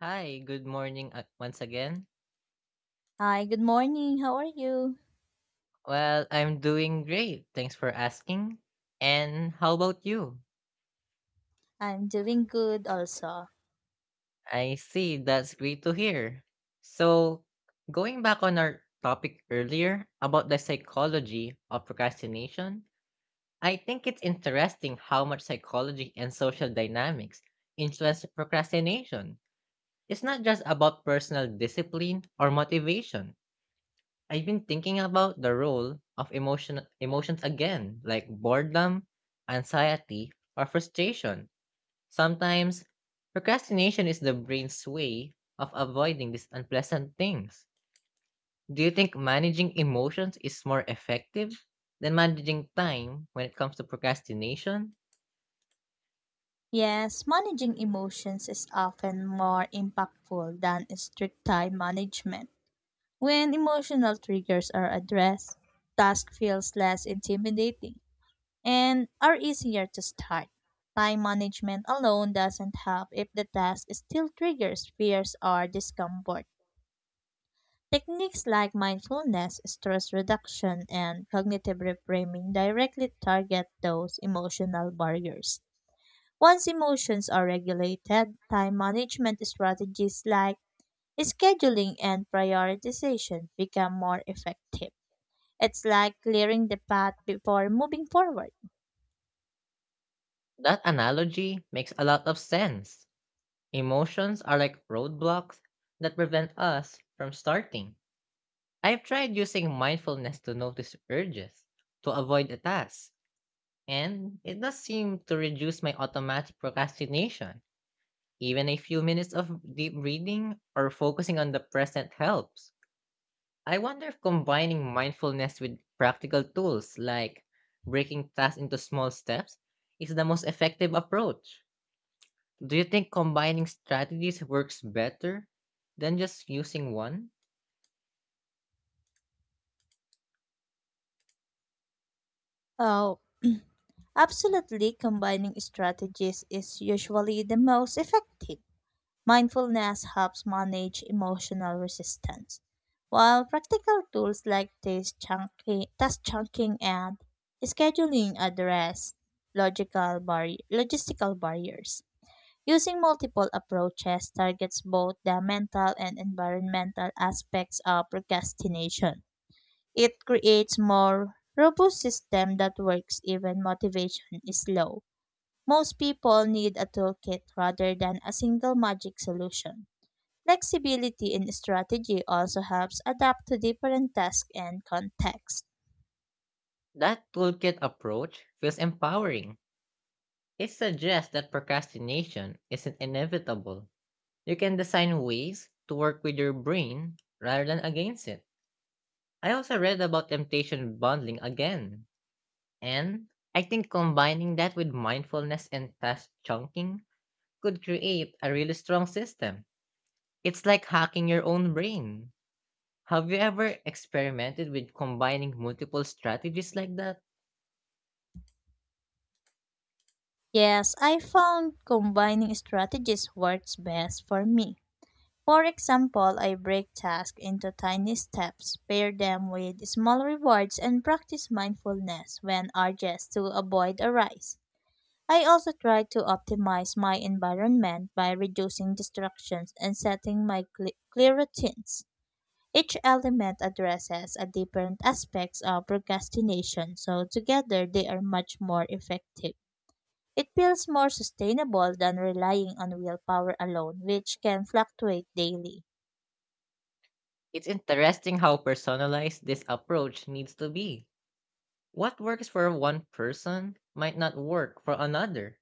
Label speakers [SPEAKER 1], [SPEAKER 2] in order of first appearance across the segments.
[SPEAKER 1] Hi, good morning once again.
[SPEAKER 2] Hi, good morning. How are you?
[SPEAKER 1] Well, I'm doing great. Thanks for asking. And how about you?
[SPEAKER 2] I'm doing good also.
[SPEAKER 1] I see. That's great to hear. So, going back on our topic earlier about the psychology of procrastination, I think it's interesting how much psychology and social dynamics influence procrastination. It's not just about personal discipline or motivation. I've been thinking about the role of emotions again, like boredom, anxiety, or frustration. Sometimes procrastination is the brain's way of avoiding these unpleasant things. Do you think managing emotions is more effective than managing time when it comes to procrastination?
[SPEAKER 2] Yes, managing emotions is often more impactful than strict time management. When emotional triggers are addressed, task feels less intimidating and are easier to start. Time management alone doesn't help if the task still triggers fears or discomfort. Techniques like mindfulness, stress reduction, and cognitive reframing directly target those emotional barriers. Once emotions are regulated, time management strategies like scheduling and prioritization become more effective. It's like clearing the path before moving forward.
[SPEAKER 1] That analogy makes a lot of sense. Emotions are like roadblocks that prevent us from starting. I have tried using mindfulness to notice urges, to avoid a task, and it does seem to reduce my automatic procrastination. Even a few minutes of deep breathing or focusing on the present helps. I wonder if combining mindfulness with practical tools like breaking tasks into small steps is the most effective approach. Do you think combining strategies works better than just using one?
[SPEAKER 2] Oh, absolutely, combining strategies is usually the most effective. Mindfulness helps manage emotional resistance, while practical tools like task chunking and scheduling address logistical barriers. Using multiple approaches targets both the mental and environmental aspects of procrastination. It creates more robust system that works even motivation is low. Most people need a toolkit rather than a single magic solution. Flexibility in strategy also helps adapt to different tasks and contexts.
[SPEAKER 1] That toolkit approach feels empowering. It suggests that procrastination isn't inevitable. You can design ways to work with your brain rather than against it. I also read about temptation bundling again. And I think combining that with mindfulness and task chunking could create a really strong system. It's like hacking your own brain. Have you ever experimented with combining multiple strategies like that?
[SPEAKER 2] Yes, I found combining strategies works best for me. For example, I break tasks into tiny steps, pair them with small rewards, and practice mindfulness when urges to avoid a rise. I also try to optimize my environment by reducing distractions and setting my clear routines. Each element addresses a different aspects of procrastination, so together they are much more effective. It feels more sustainable than relying on willpower alone, which can fluctuate daily.
[SPEAKER 1] It's interesting how personalized this approach needs to be. What works for one person might not work for another.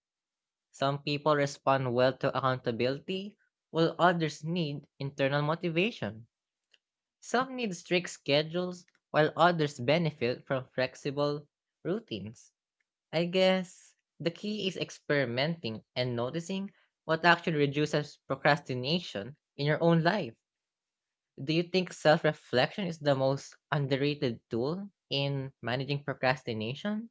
[SPEAKER 1] Some people respond well to accountability, while others need internal motivation. Some need strict schedules, while others benefit from flexible routines. I guess the key is experimenting and noticing what actually reduces procrastination in your own life. Do you think self reflection is the most underrated tool in managing procrastination?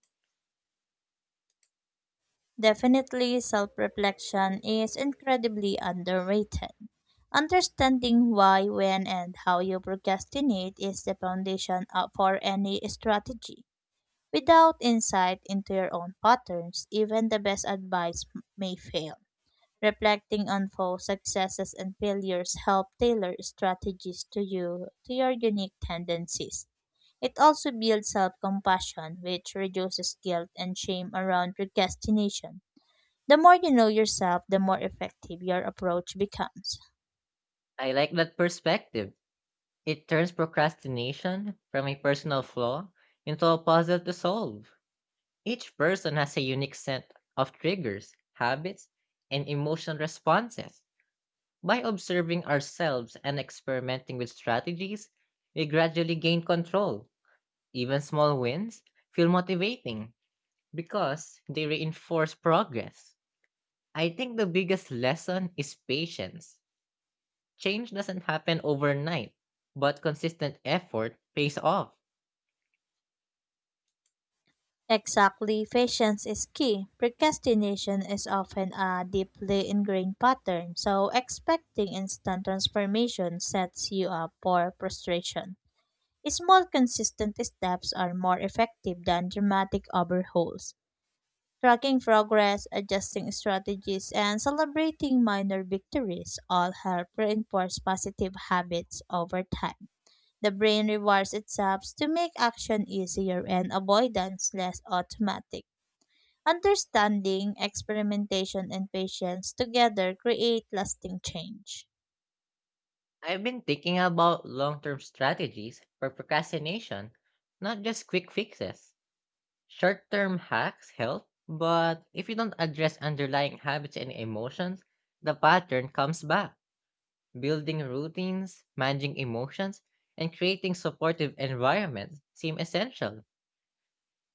[SPEAKER 2] Definitely, self reflection is incredibly underrated. Understanding why, when, and how you procrastinate is the for any strategy. Without insight into your own patterns, even the best may fail. Reflecting on both successes and failures help tailor strategies to your unique tendencies. It also builds self compassion, which reduces guilt and shame around procrastination. The more you know yourself, the more effective your approach becomes.
[SPEAKER 1] I like that perspective. It turns procrastination from a personal flaw into a puzzle to solve. Each person has a unique set of triggers, habits, and emotional responses. By observing ourselves and experimenting with strategies, we gradually gain control. Even small wins feel motivating because they reinforce progress. I think the biggest lesson is patience. Change doesn't happen overnight, but consistent effort pays off.
[SPEAKER 2] Exactly, patience is key. Procrastination is often a deeply ingrained pattern, so expecting instant transformation sets you up for frustration. Small, consistent steps are more effective than dramatic overhauls. Tracking progress, adjusting strategies, and celebrating minor victories all help reinforce positive habits over time. The brain rewards itself to make action easier and avoidance less automatic. Understanding, experimentation, and patience together create lasting change.
[SPEAKER 1] I've been thinking about long term strategies for procrastination, not just quick fixes. Short term hacks help, but if you don't address underlying habits and emotions, the pattern comes back. Building routines, managing emotions, and creating supportive environments seem essential.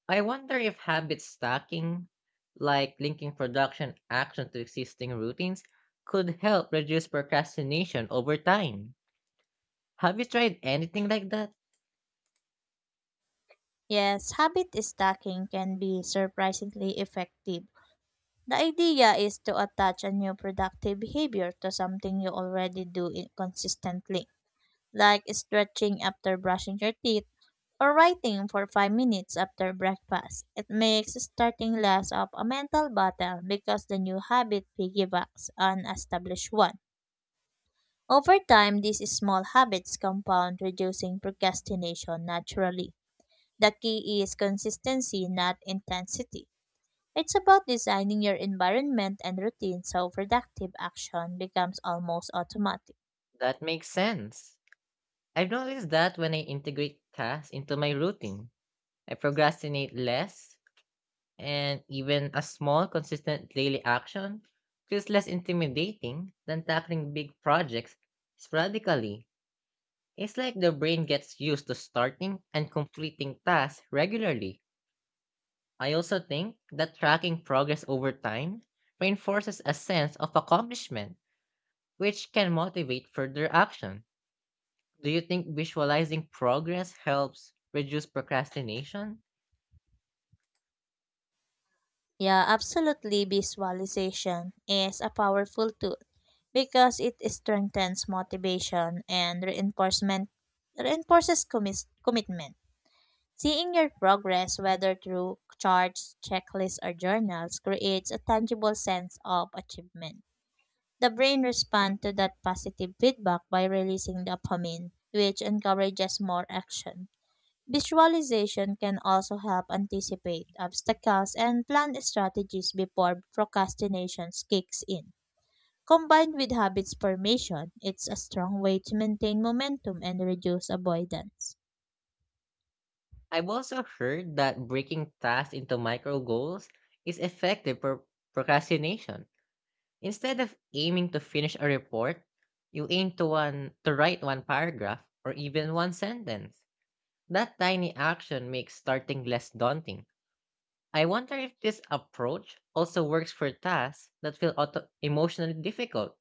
[SPEAKER 1] I wonder if habit stacking, like linking production action to existing routines, could help reduce procrastination over time. Have you tried anything like that?
[SPEAKER 2] Yes, habit stacking can be surprisingly effective. The idea is to attach a new productive behavior to something you already consistently, like stretching after brushing your teeth or writing for 5 minutes after breakfast. It makes starting less of a mental battle because the new habit piggybacks on established one. Over time, these small habits compound, reducing procrastination naturally. The key is consistency, not intensity. It's about designing your environment and routine so productive action becomes almost automatic.
[SPEAKER 1] That makes sense. I've noticed that when I integrate tasks into my routine, I procrastinate less, and even a small, consistent daily action feels less intimidating than tackling big projects sporadically. It's like the brain gets used to starting and completing tasks regularly. I also think that tracking progress over time reinforces a sense of accomplishment, which can motivate further action. Do you think visualizing progress helps reduce procrastination?
[SPEAKER 2] Yeah, absolutely. Visualization is a powerful tool because it strengthens motivation and reinforcement reinforces commitment. Seeing your progress, whether through charts, checklists, or journals, creates a tangible sense of achievement. The brain responds to that positive feedback by releasing dopamine, which encourages more action. Visualization can also help anticipate obstacles and plan strategies before procrastination kicks in. Combined with habits formation, it's a strong way to maintain momentum and reduce avoidance.
[SPEAKER 1] I've also heard that breaking tasks into micro goals is effective for procrastination. Instead of aiming to finish a report, you aim to write one paragraph or even one sentence. That tiny action makes starting less daunting. I wonder if this approach also works for tasks that feel emotionally difficult,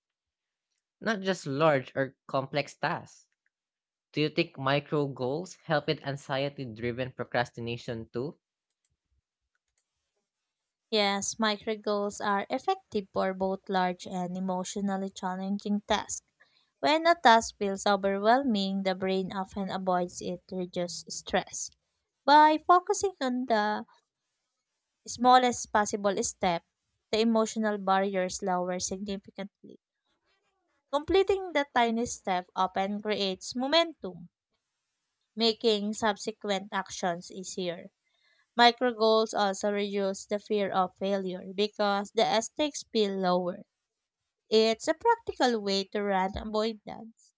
[SPEAKER 1] not just large or complex tasks. Do you think micro goals help with anxiety driven procrastination too?
[SPEAKER 2] Yes, micro goals are effective for both large and emotionally challenging tasks. When a task feels overwhelming, the brain often avoids it to reduce stress. By focusing on the smallest possible step, the emotional barriers lower significantly. Completing the tiny step often creates momentum, making subsequent actions easier. Micro goals also reduce the fear of failure because the stakes feel lower. It's a practical way to run avoidance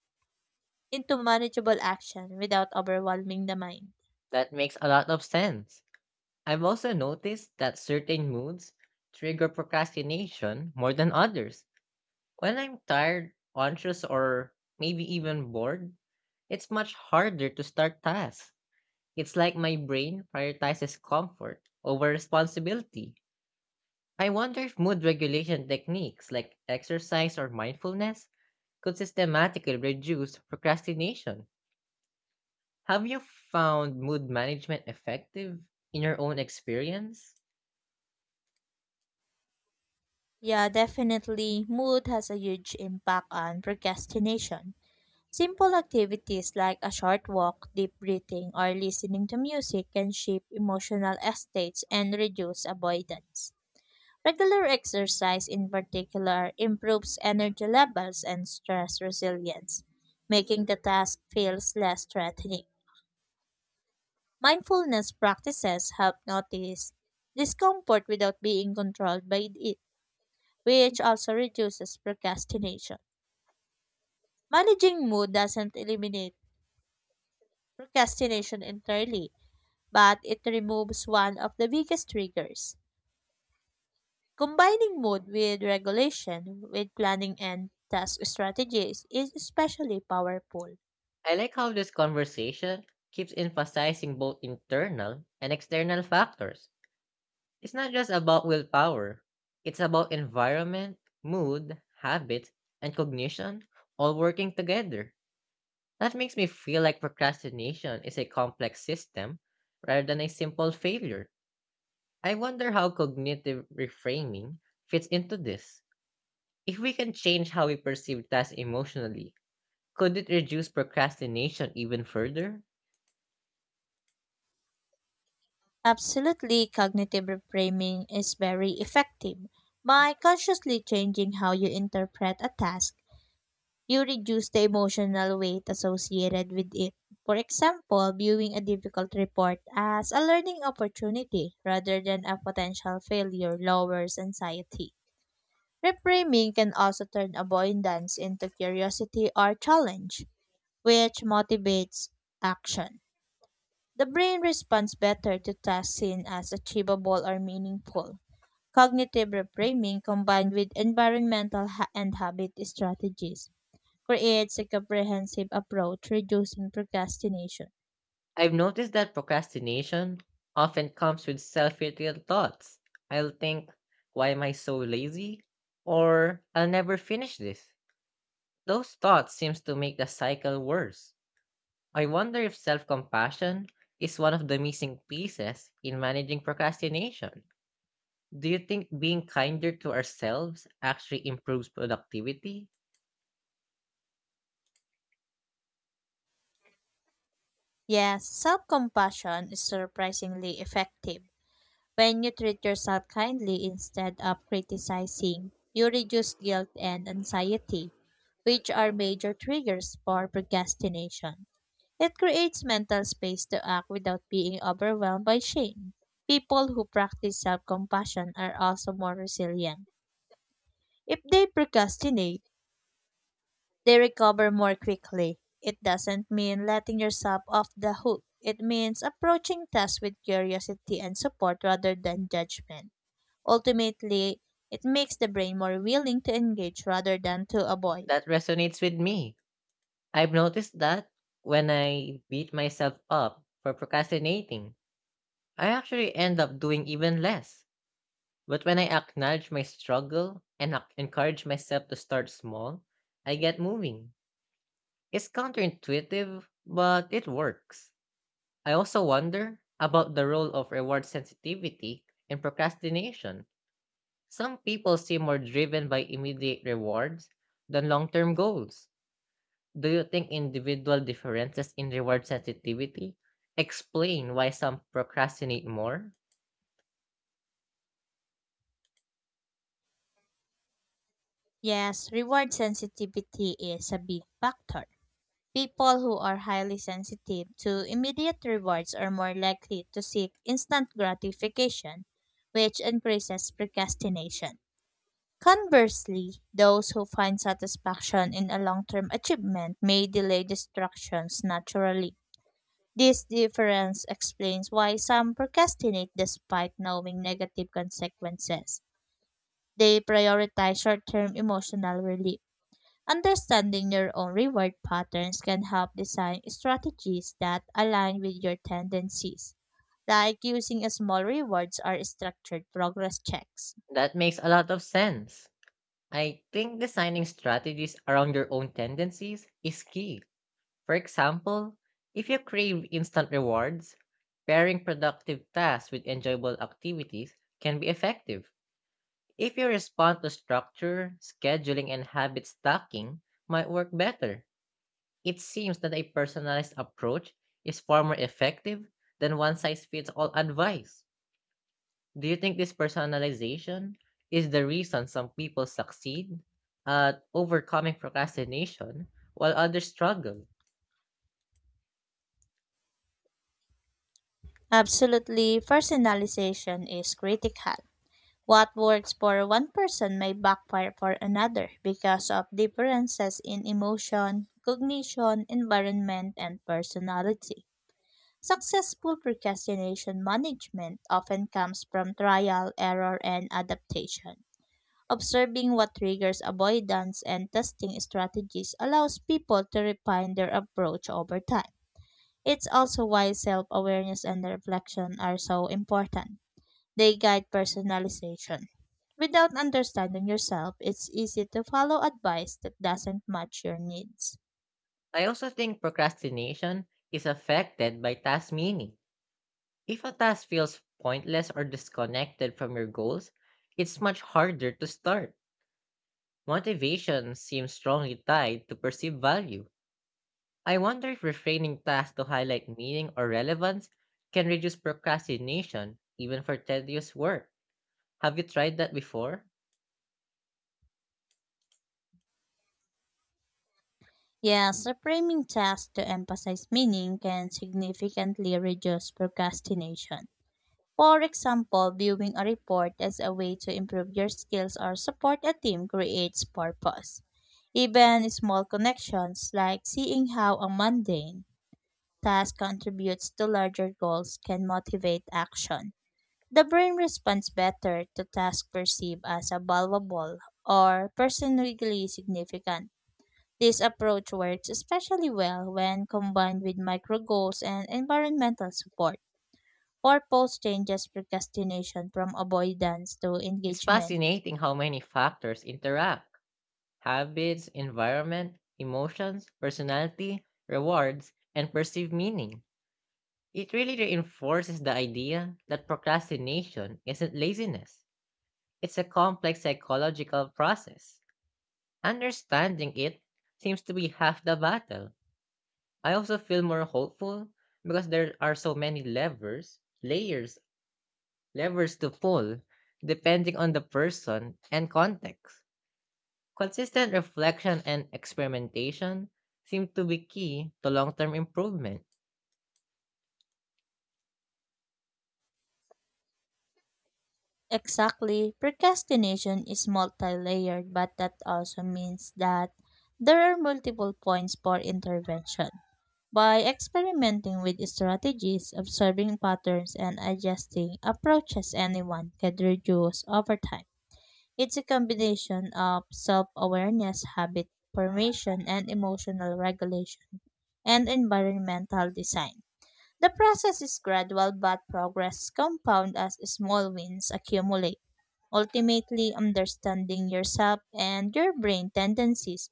[SPEAKER 2] into manageable action without overwhelming the mind.
[SPEAKER 1] That makes a lot of sense. I've also noticed that certain moods trigger procrastination more than others. When I'm tired, anxious, or maybe even bored, it's much harder to start tasks. It's like my brain prioritizes comfort over responsibility. I wonder if mood regulation techniques like exercise or mindfulness could systematically reduce procrastination. Have you found mood management effective in your own experience?
[SPEAKER 2] Yeah, definitely. Mood has a huge impact on procrastination. Simple activities like a short walk, deep breathing, or listening to music can shape emotional estates and reduce avoidance. Regular exercise, in particular, improves energy levels and stress resilience, making the task feels less threatening. Mindfulness practices help notice discomfort without being controlled by it, which also reduces procrastination. Managing mood doesn't eliminate procrastination entirely, but it removes one of the biggest triggers. Combining mood with regulation, with planning and task strategies is especially powerful.
[SPEAKER 1] I like how this conversation keeps emphasizing both internal and external factors. It's not just about willpower. It's about environment, mood, habit, and cognition all working together. That makes me feel like procrastination is a complex system rather than a simple failure. I wonder how cognitive reframing fits into this. If we can change how we perceive tasks emotionally, could it reduce procrastination even further?
[SPEAKER 2] Absolutely, cognitive reframing is very effective. By consciously changing how you interpret a task, you reduce the emotional weight associated with it. For example, viewing a difficult report as a learning opportunity rather than a potential failure lowers anxiety. Reframing can also turn avoidance into curiosity or challenge, which motivates action. The brain responds better to tasks seen as achievable or meaningful. Cognitive reframing combined with and habit strategies creates a comprehensive approach reducing procrastination.
[SPEAKER 1] I've noticed that procrastination often comes with self hatred thoughts. I'll think, why am I so lazy? Or I'll never finish this. Those thoughts seems to make the cycle worse. I wonder if self-compassion is one of the missing pieces in managing procrastination. Do you think being kinder to ourselves actually improves productivity?
[SPEAKER 2] Yes, self compassion is surprisingly effective. When you treat yourself kindly instead of criticizing, you reduce guilt and anxiety, which are major triggers for procrastination. It creates mental space to act without being overwhelmed by shame. People who practice self compassion are also more resilient. If they procrastinate, they recover more quickly. It doesn't mean letting yourself off the hook. It means approaching tasks with curiosity and support rather than judgment. Ultimately, it makes the brain more willing to engage rather than to avoid.
[SPEAKER 1] That resonates with me. I've noticed that when I beat myself up for procrastinating. I actually end up doing even less. But when I acknowledge my struggle and encourage myself to start small, I get moving. It's counterintuitive, but it works. I also wonder about the role of reward sensitivity in procrastination. Some people seem more driven by immediate rewards than long term goals. Do you think individual differences in reward sensitivity explain why some procrastinate more?
[SPEAKER 2] Yes, reward sensitivity is a big factor. People who are highly sensitive to immediate rewards are more likely to seek instant gratification, which increases procrastination. Conversely, those who find satisfaction in a long term achievement may delay distractions naturally. This difference explains why some procrastinate despite knowing negative consequences. They prioritize short term emotional relief. Understanding your own reward patterns can help design strategies that align with your tendencies, like using small rewards or structured progress checks.
[SPEAKER 1] That makes a lot of sense. I think designing strategies around your own tendencies is key. For example, if you crave instant rewards, pairing productive tasks with enjoyable activities can be effective. If you respond to structure, scheduling, and habit stacking, might work better. It seems that a personalized approach is far more effective than one size fits all advice. Do you think this personalization is the reason some people succeed at overcoming procrastination while others struggle?
[SPEAKER 2] Absolutely, personalization is critical. What works for one person may backfire for another because of differences in emotion, cognition, environment, and personality. Successful procrastination management often comes from trial, error, and adaptation. Observing what triggers avoidance and testing strategies allows people to refine their approach over time. It's also why self awareness and reflection are so important. They guide personalization. Without understanding yourself, it's easy to follow advice that doesn't match your needs.
[SPEAKER 1] I also think procrastination is affected by task meaning. If a task feels pointless or disconnected from your goals, it's much harder to start. Motivation seems strongly tied to perceived value. I wonder if refraining tasks to highlight meaning or relevance can reduce procrastination even for tedious work. Have you tried that before?
[SPEAKER 2] Yes, reframing tasks to emphasize meaning can significantly reduce procrastination. For example, viewing a report as a way to improve your skills or support a team creates purpose. Even small connections like seeing how a mundane task contributes to larger goals can motivate action. The brain responds better to tasks perceived as a valuable or personally significant. This approach works especially well when combined with micro goals and environmental support. Purpose changes procrastination from avoidance to
[SPEAKER 1] It's
[SPEAKER 2] engagement.
[SPEAKER 1] fascinating how many factors interact: habits, environment, emotions, personality, rewards, and perceived meaning. It really reinforces the idea that procrastination isn't laziness, it's a complex psychological process. Understanding it seems to be half the battle. I also feel more hopeful because there are so many levers to pull depending on the person and context. Consistent reflection and experimentation seem to be key to long term improvement.
[SPEAKER 2] Exactly. Procrastination is multi-layered, but that also means that there are multiple points for intervention. By experimenting with strategies, observing patterns, and adjusting approaches, anyone can reduce over time. It's a combination of self awareness, habit formation, and emotional regulation, and environmental design. The process is gradual, but progress compound as small wins accumulate. Ultimately, understanding yourself and your brain tendencies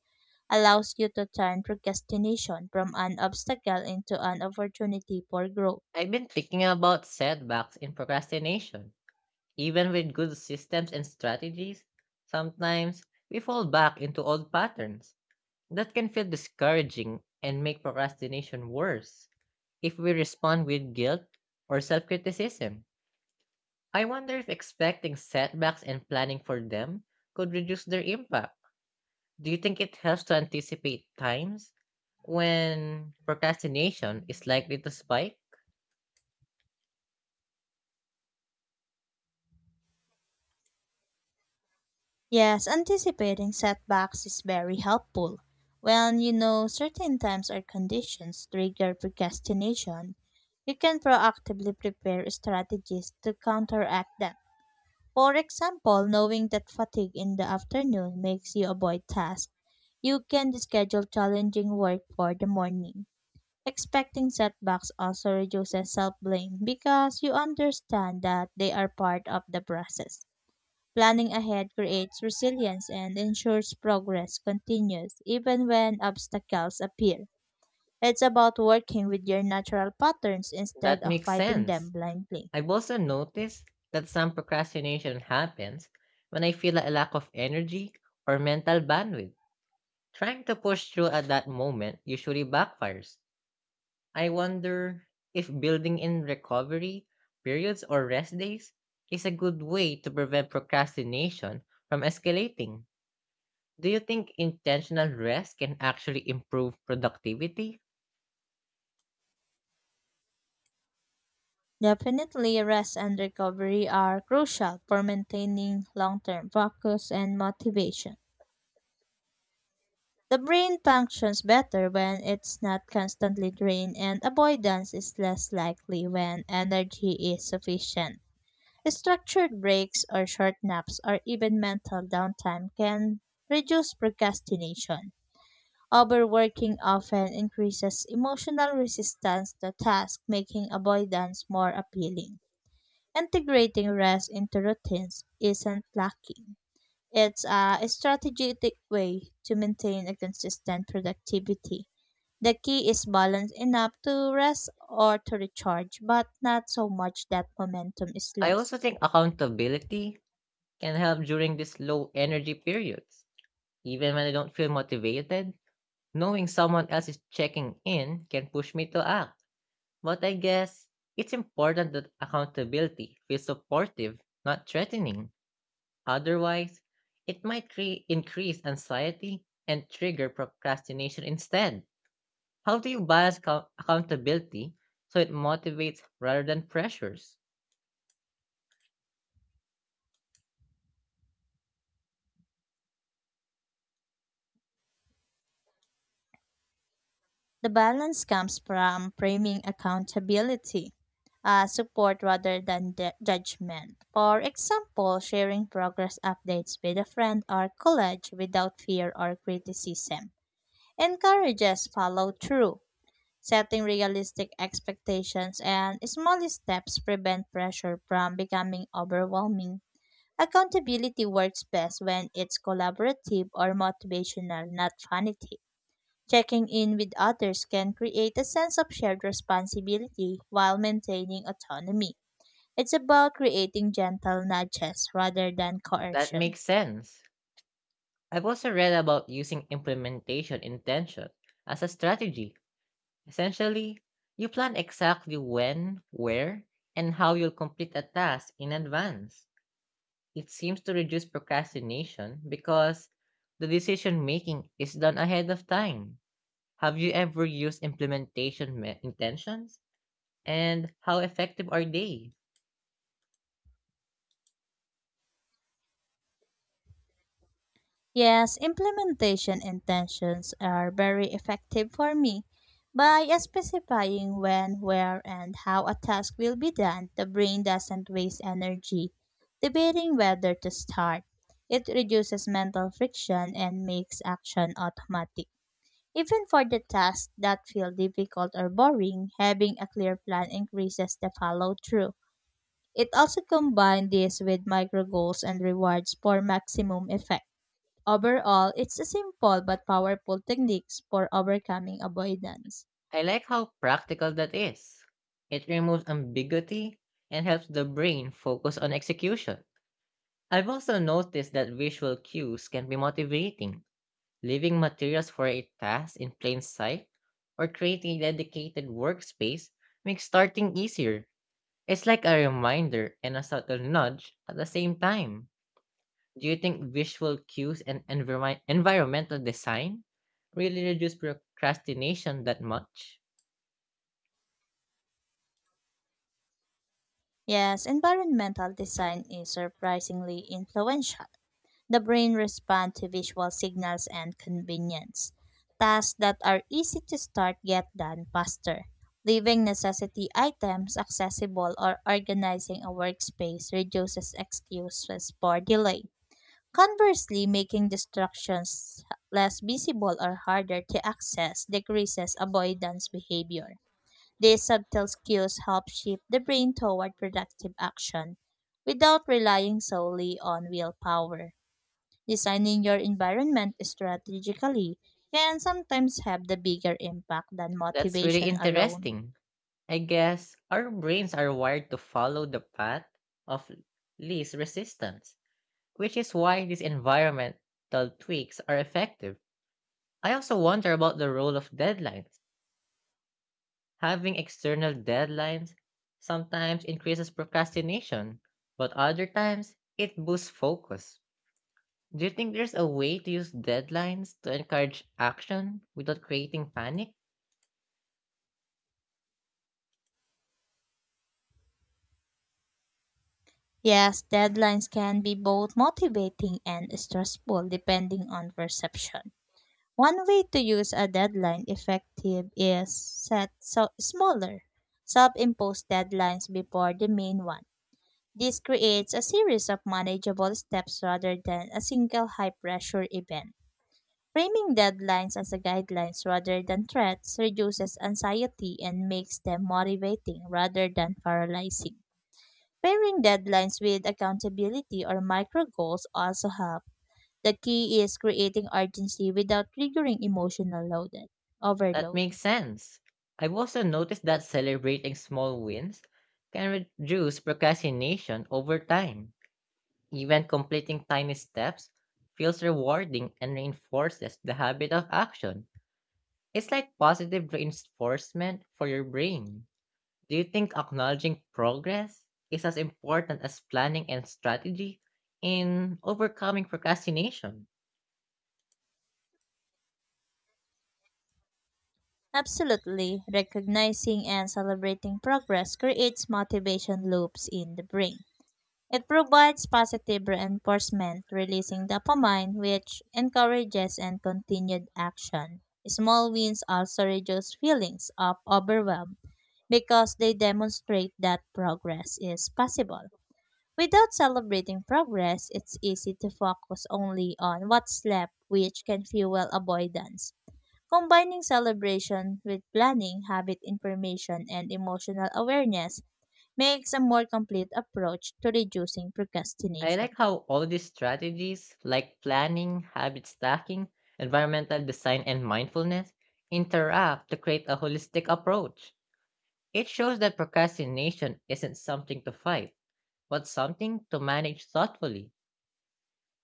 [SPEAKER 2] allows you to turn procrastination from an obstacle into an opportunity for growth.
[SPEAKER 1] I've been thinking about setbacks in procrastination. Even with good systems and strategies, sometimes we fall back into old patterns. That can feel discouraging and make procrastination worse if we respond with guilt or self criticism. I wonder if expecting setbacks and planning for them could reduce their impact. Do you think it helps to anticipate times when procrastination is likely to spike?
[SPEAKER 2] Yes, anticipating setbacks is very helpful. When you know certain times or conditions trigger procrastination, you can proactively prepare strategies to counteract them. For example, knowing that fatigue in the afternoon makes you avoid tasks, you can schedule challenging work for the morning. Expecting setbacks also reduces self blame because you understand that they are part of the process. Planning ahead creates resilience and ensures progress continues even when obstacles appear. It's about working with your natural patterns instead
[SPEAKER 1] That
[SPEAKER 2] of
[SPEAKER 1] makes
[SPEAKER 2] fighting them
[SPEAKER 1] sense.
[SPEAKER 2] blindly.
[SPEAKER 1] I've also noticed that some procrastination happens when I feel a lack of energy or mental bandwidth. Trying to push through at that moment usually backfires. I wonder if building in recovery periods or rest days is a good way to prevent procrastination from escalating. Do you think intentional rest can actually improve productivity?
[SPEAKER 2] Definitely, rest and recovery are crucial for maintaining long term focus and motivation. The brain functions better when it's not constantly drained, and avoidance is less likely when energy is sufficient. Structured breaks or short naps or even mental downtime can reduce procrastination. Overworking often increases emotional resistance to tasks, making avoidance more appealing. Integrating rest into routines isn't lacking. It's a strategic way to maintain a consistent productivity. The key is balance enough to rest or to recharge, but not so much that momentum is
[SPEAKER 1] I also
[SPEAKER 2] lost.
[SPEAKER 1] think accountability can help during these low energy periods. Even when I don't feel motivated, knowing someone else is checking in can push me to act. But I guess it's important that accountability feels supportive, not threatening. Otherwise, it might increase anxiety and trigger procrastination instead. How do you balance accountability so it motivates rather than pressures?
[SPEAKER 2] The balance comes from framing accountability as support rather than judgment. For example, sharing progress updates with a friend or college without fear or criticism encourages follow through. Setting realistic expectations and small steps prevent pressure from becoming overwhelming. Accountability works best when it's collaborative or motivational, not vanity. Checking in with others can create a sense of shared responsibility while maintaining autonomy. It's about creating gentle nudges rather than
[SPEAKER 1] That
[SPEAKER 2] coercion.
[SPEAKER 1] makes sense. I've also read about using implementation intention as a strategy. Essentially, you plan exactly when, where, and how you'll complete a task in advance. It seems to reduce procrastination because the decision making is done ahead of time. Have you ever used implementation intentions? And how effective are they?
[SPEAKER 2] Yes, implementation intentions are very effective for me. By specifying when, where, and how a task will be done, the brain doesn't waste energy debating whether to start. It reduces mental friction and makes action automatic. Even for the tasks that feel difficult or boring, having a clear plan increases the follow through. It also combines this with micro goals and rewards for maximum effect. Overall, it's a simple but powerful technique for overcoming avoidance.
[SPEAKER 1] I like how practical that is. It removes ambiguity and helps the brain focus on execution. I've also noticed that visual cues can be motivating. Leaving materials for a task in plain sight or creating a dedicated workspace makes starting easier. It's like a reminder and a subtle nudge at the same time. Do you think visual cues and environmental design really reduce procrastination that much?
[SPEAKER 2] Yes, environmental design is surprisingly influential. The brain responds to visual signals and convenience. Tasks that are easy to start get done faster. Leaving necessity items accessible or organizing a workspace reduces excuses for delay. Conversely, making distractions less visible or harder to access decreases avoidance behavior. These subtle cues help shift the brain toward productive action without relying solely on willpower. Designing your environment strategically can sometimes have the bigger impact than
[SPEAKER 1] That's really
[SPEAKER 2] motivation alone.
[SPEAKER 1] interesting. I guess our brains are wired to follow the path of least resistance, which is why these environmental tweaks are effective. I also wonder about the role of deadlines. Having external deadlines sometimes increases procrastination, but other times it boosts focus. Do you think there's a way to use deadlines to encourage action without creating panic?
[SPEAKER 2] Yes, deadlines can be both motivating and stressful depending on perception. One way to use a deadline effective is set so smaller self-imposed deadlines before the main one. This creates a series of manageable steps rather than a single high-pressure event. Framing deadlines as a guidelines rather than threats reduces anxiety and makes them motivating rather than paralyzing. Pairing deadlines with accountability or micro goals also help the key is creating urgency without triggering emotional loaded,
[SPEAKER 1] That
[SPEAKER 2] overload.
[SPEAKER 1] makes sense. I've also noticed that celebrating small wins can reduce procrastination over time. Even completing tiny steps feels rewarding and reinforces the habit of action. It's like positive reinforcement for your brain. Do you think acknowledging progress is as important as planning and strategy in overcoming procrastination?
[SPEAKER 2] Absolutely, recognizing and celebrating progress creates motivation loops in the brain. It provides positive reinforcement, releasing dopamine, which encourages and continued action. Small wins also reduce feelings of overwhelm because they demonstrate that progress is possible. Without celebrating progress, it's easy to focus only on what's left, which can fuel avoidance. Combining celebration with planning, habit information, and emotional awareness makes a more complete approach to reducing
[SPEAKER 1] I like
[SPEAKER 2] procrastination.
[SPEAKER 1] how all these strategies, like planning, habit stacking, environmental design, and mindfulness, interact to create a holistic approach. It shows that procrastination isn't something to fight, but something to manage thoughtfully.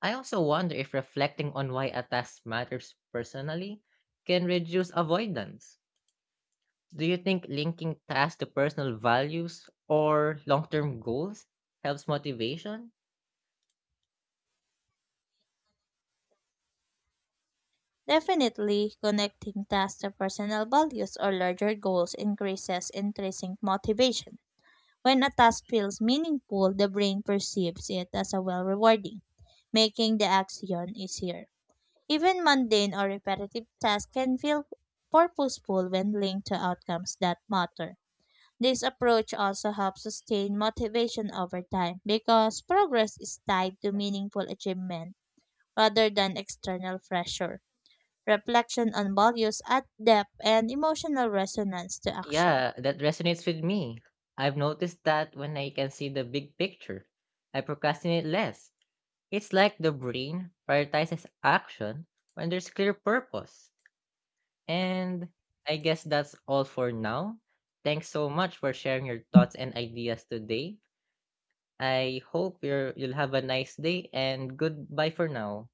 [SPEAKER 1] I also wonder if reflecting on why a task matters personally can reduce avoidance. Do you think linking tasks to personal values or long term goals helps motivation?
[SPEAKER 2] Definitely, connecting tasks to personal values or larger goals increases intrinsic motivation. When a task feels meaningful, the brain perceives it as a well rewarding, making the action easier. Even mundane or repetitive tasks can feel purposeful when linked to outcomes that matter. This approach also helps sustain motivation over time because progress is tied to meaningful achievement rather than external pressure. Reflection on values add depth and emotional resonance to action.
[SPEAKER 1] Yeah, that resonates with me. I've noticed that when I can see the big picture, I procrastinate less. It's like the brain prioritizes action when there's clear purpose. And I guess that's all for now. Thanks so much for sharing your thoughts and ideas today. I hope you'll have a nice day and goodbye for now.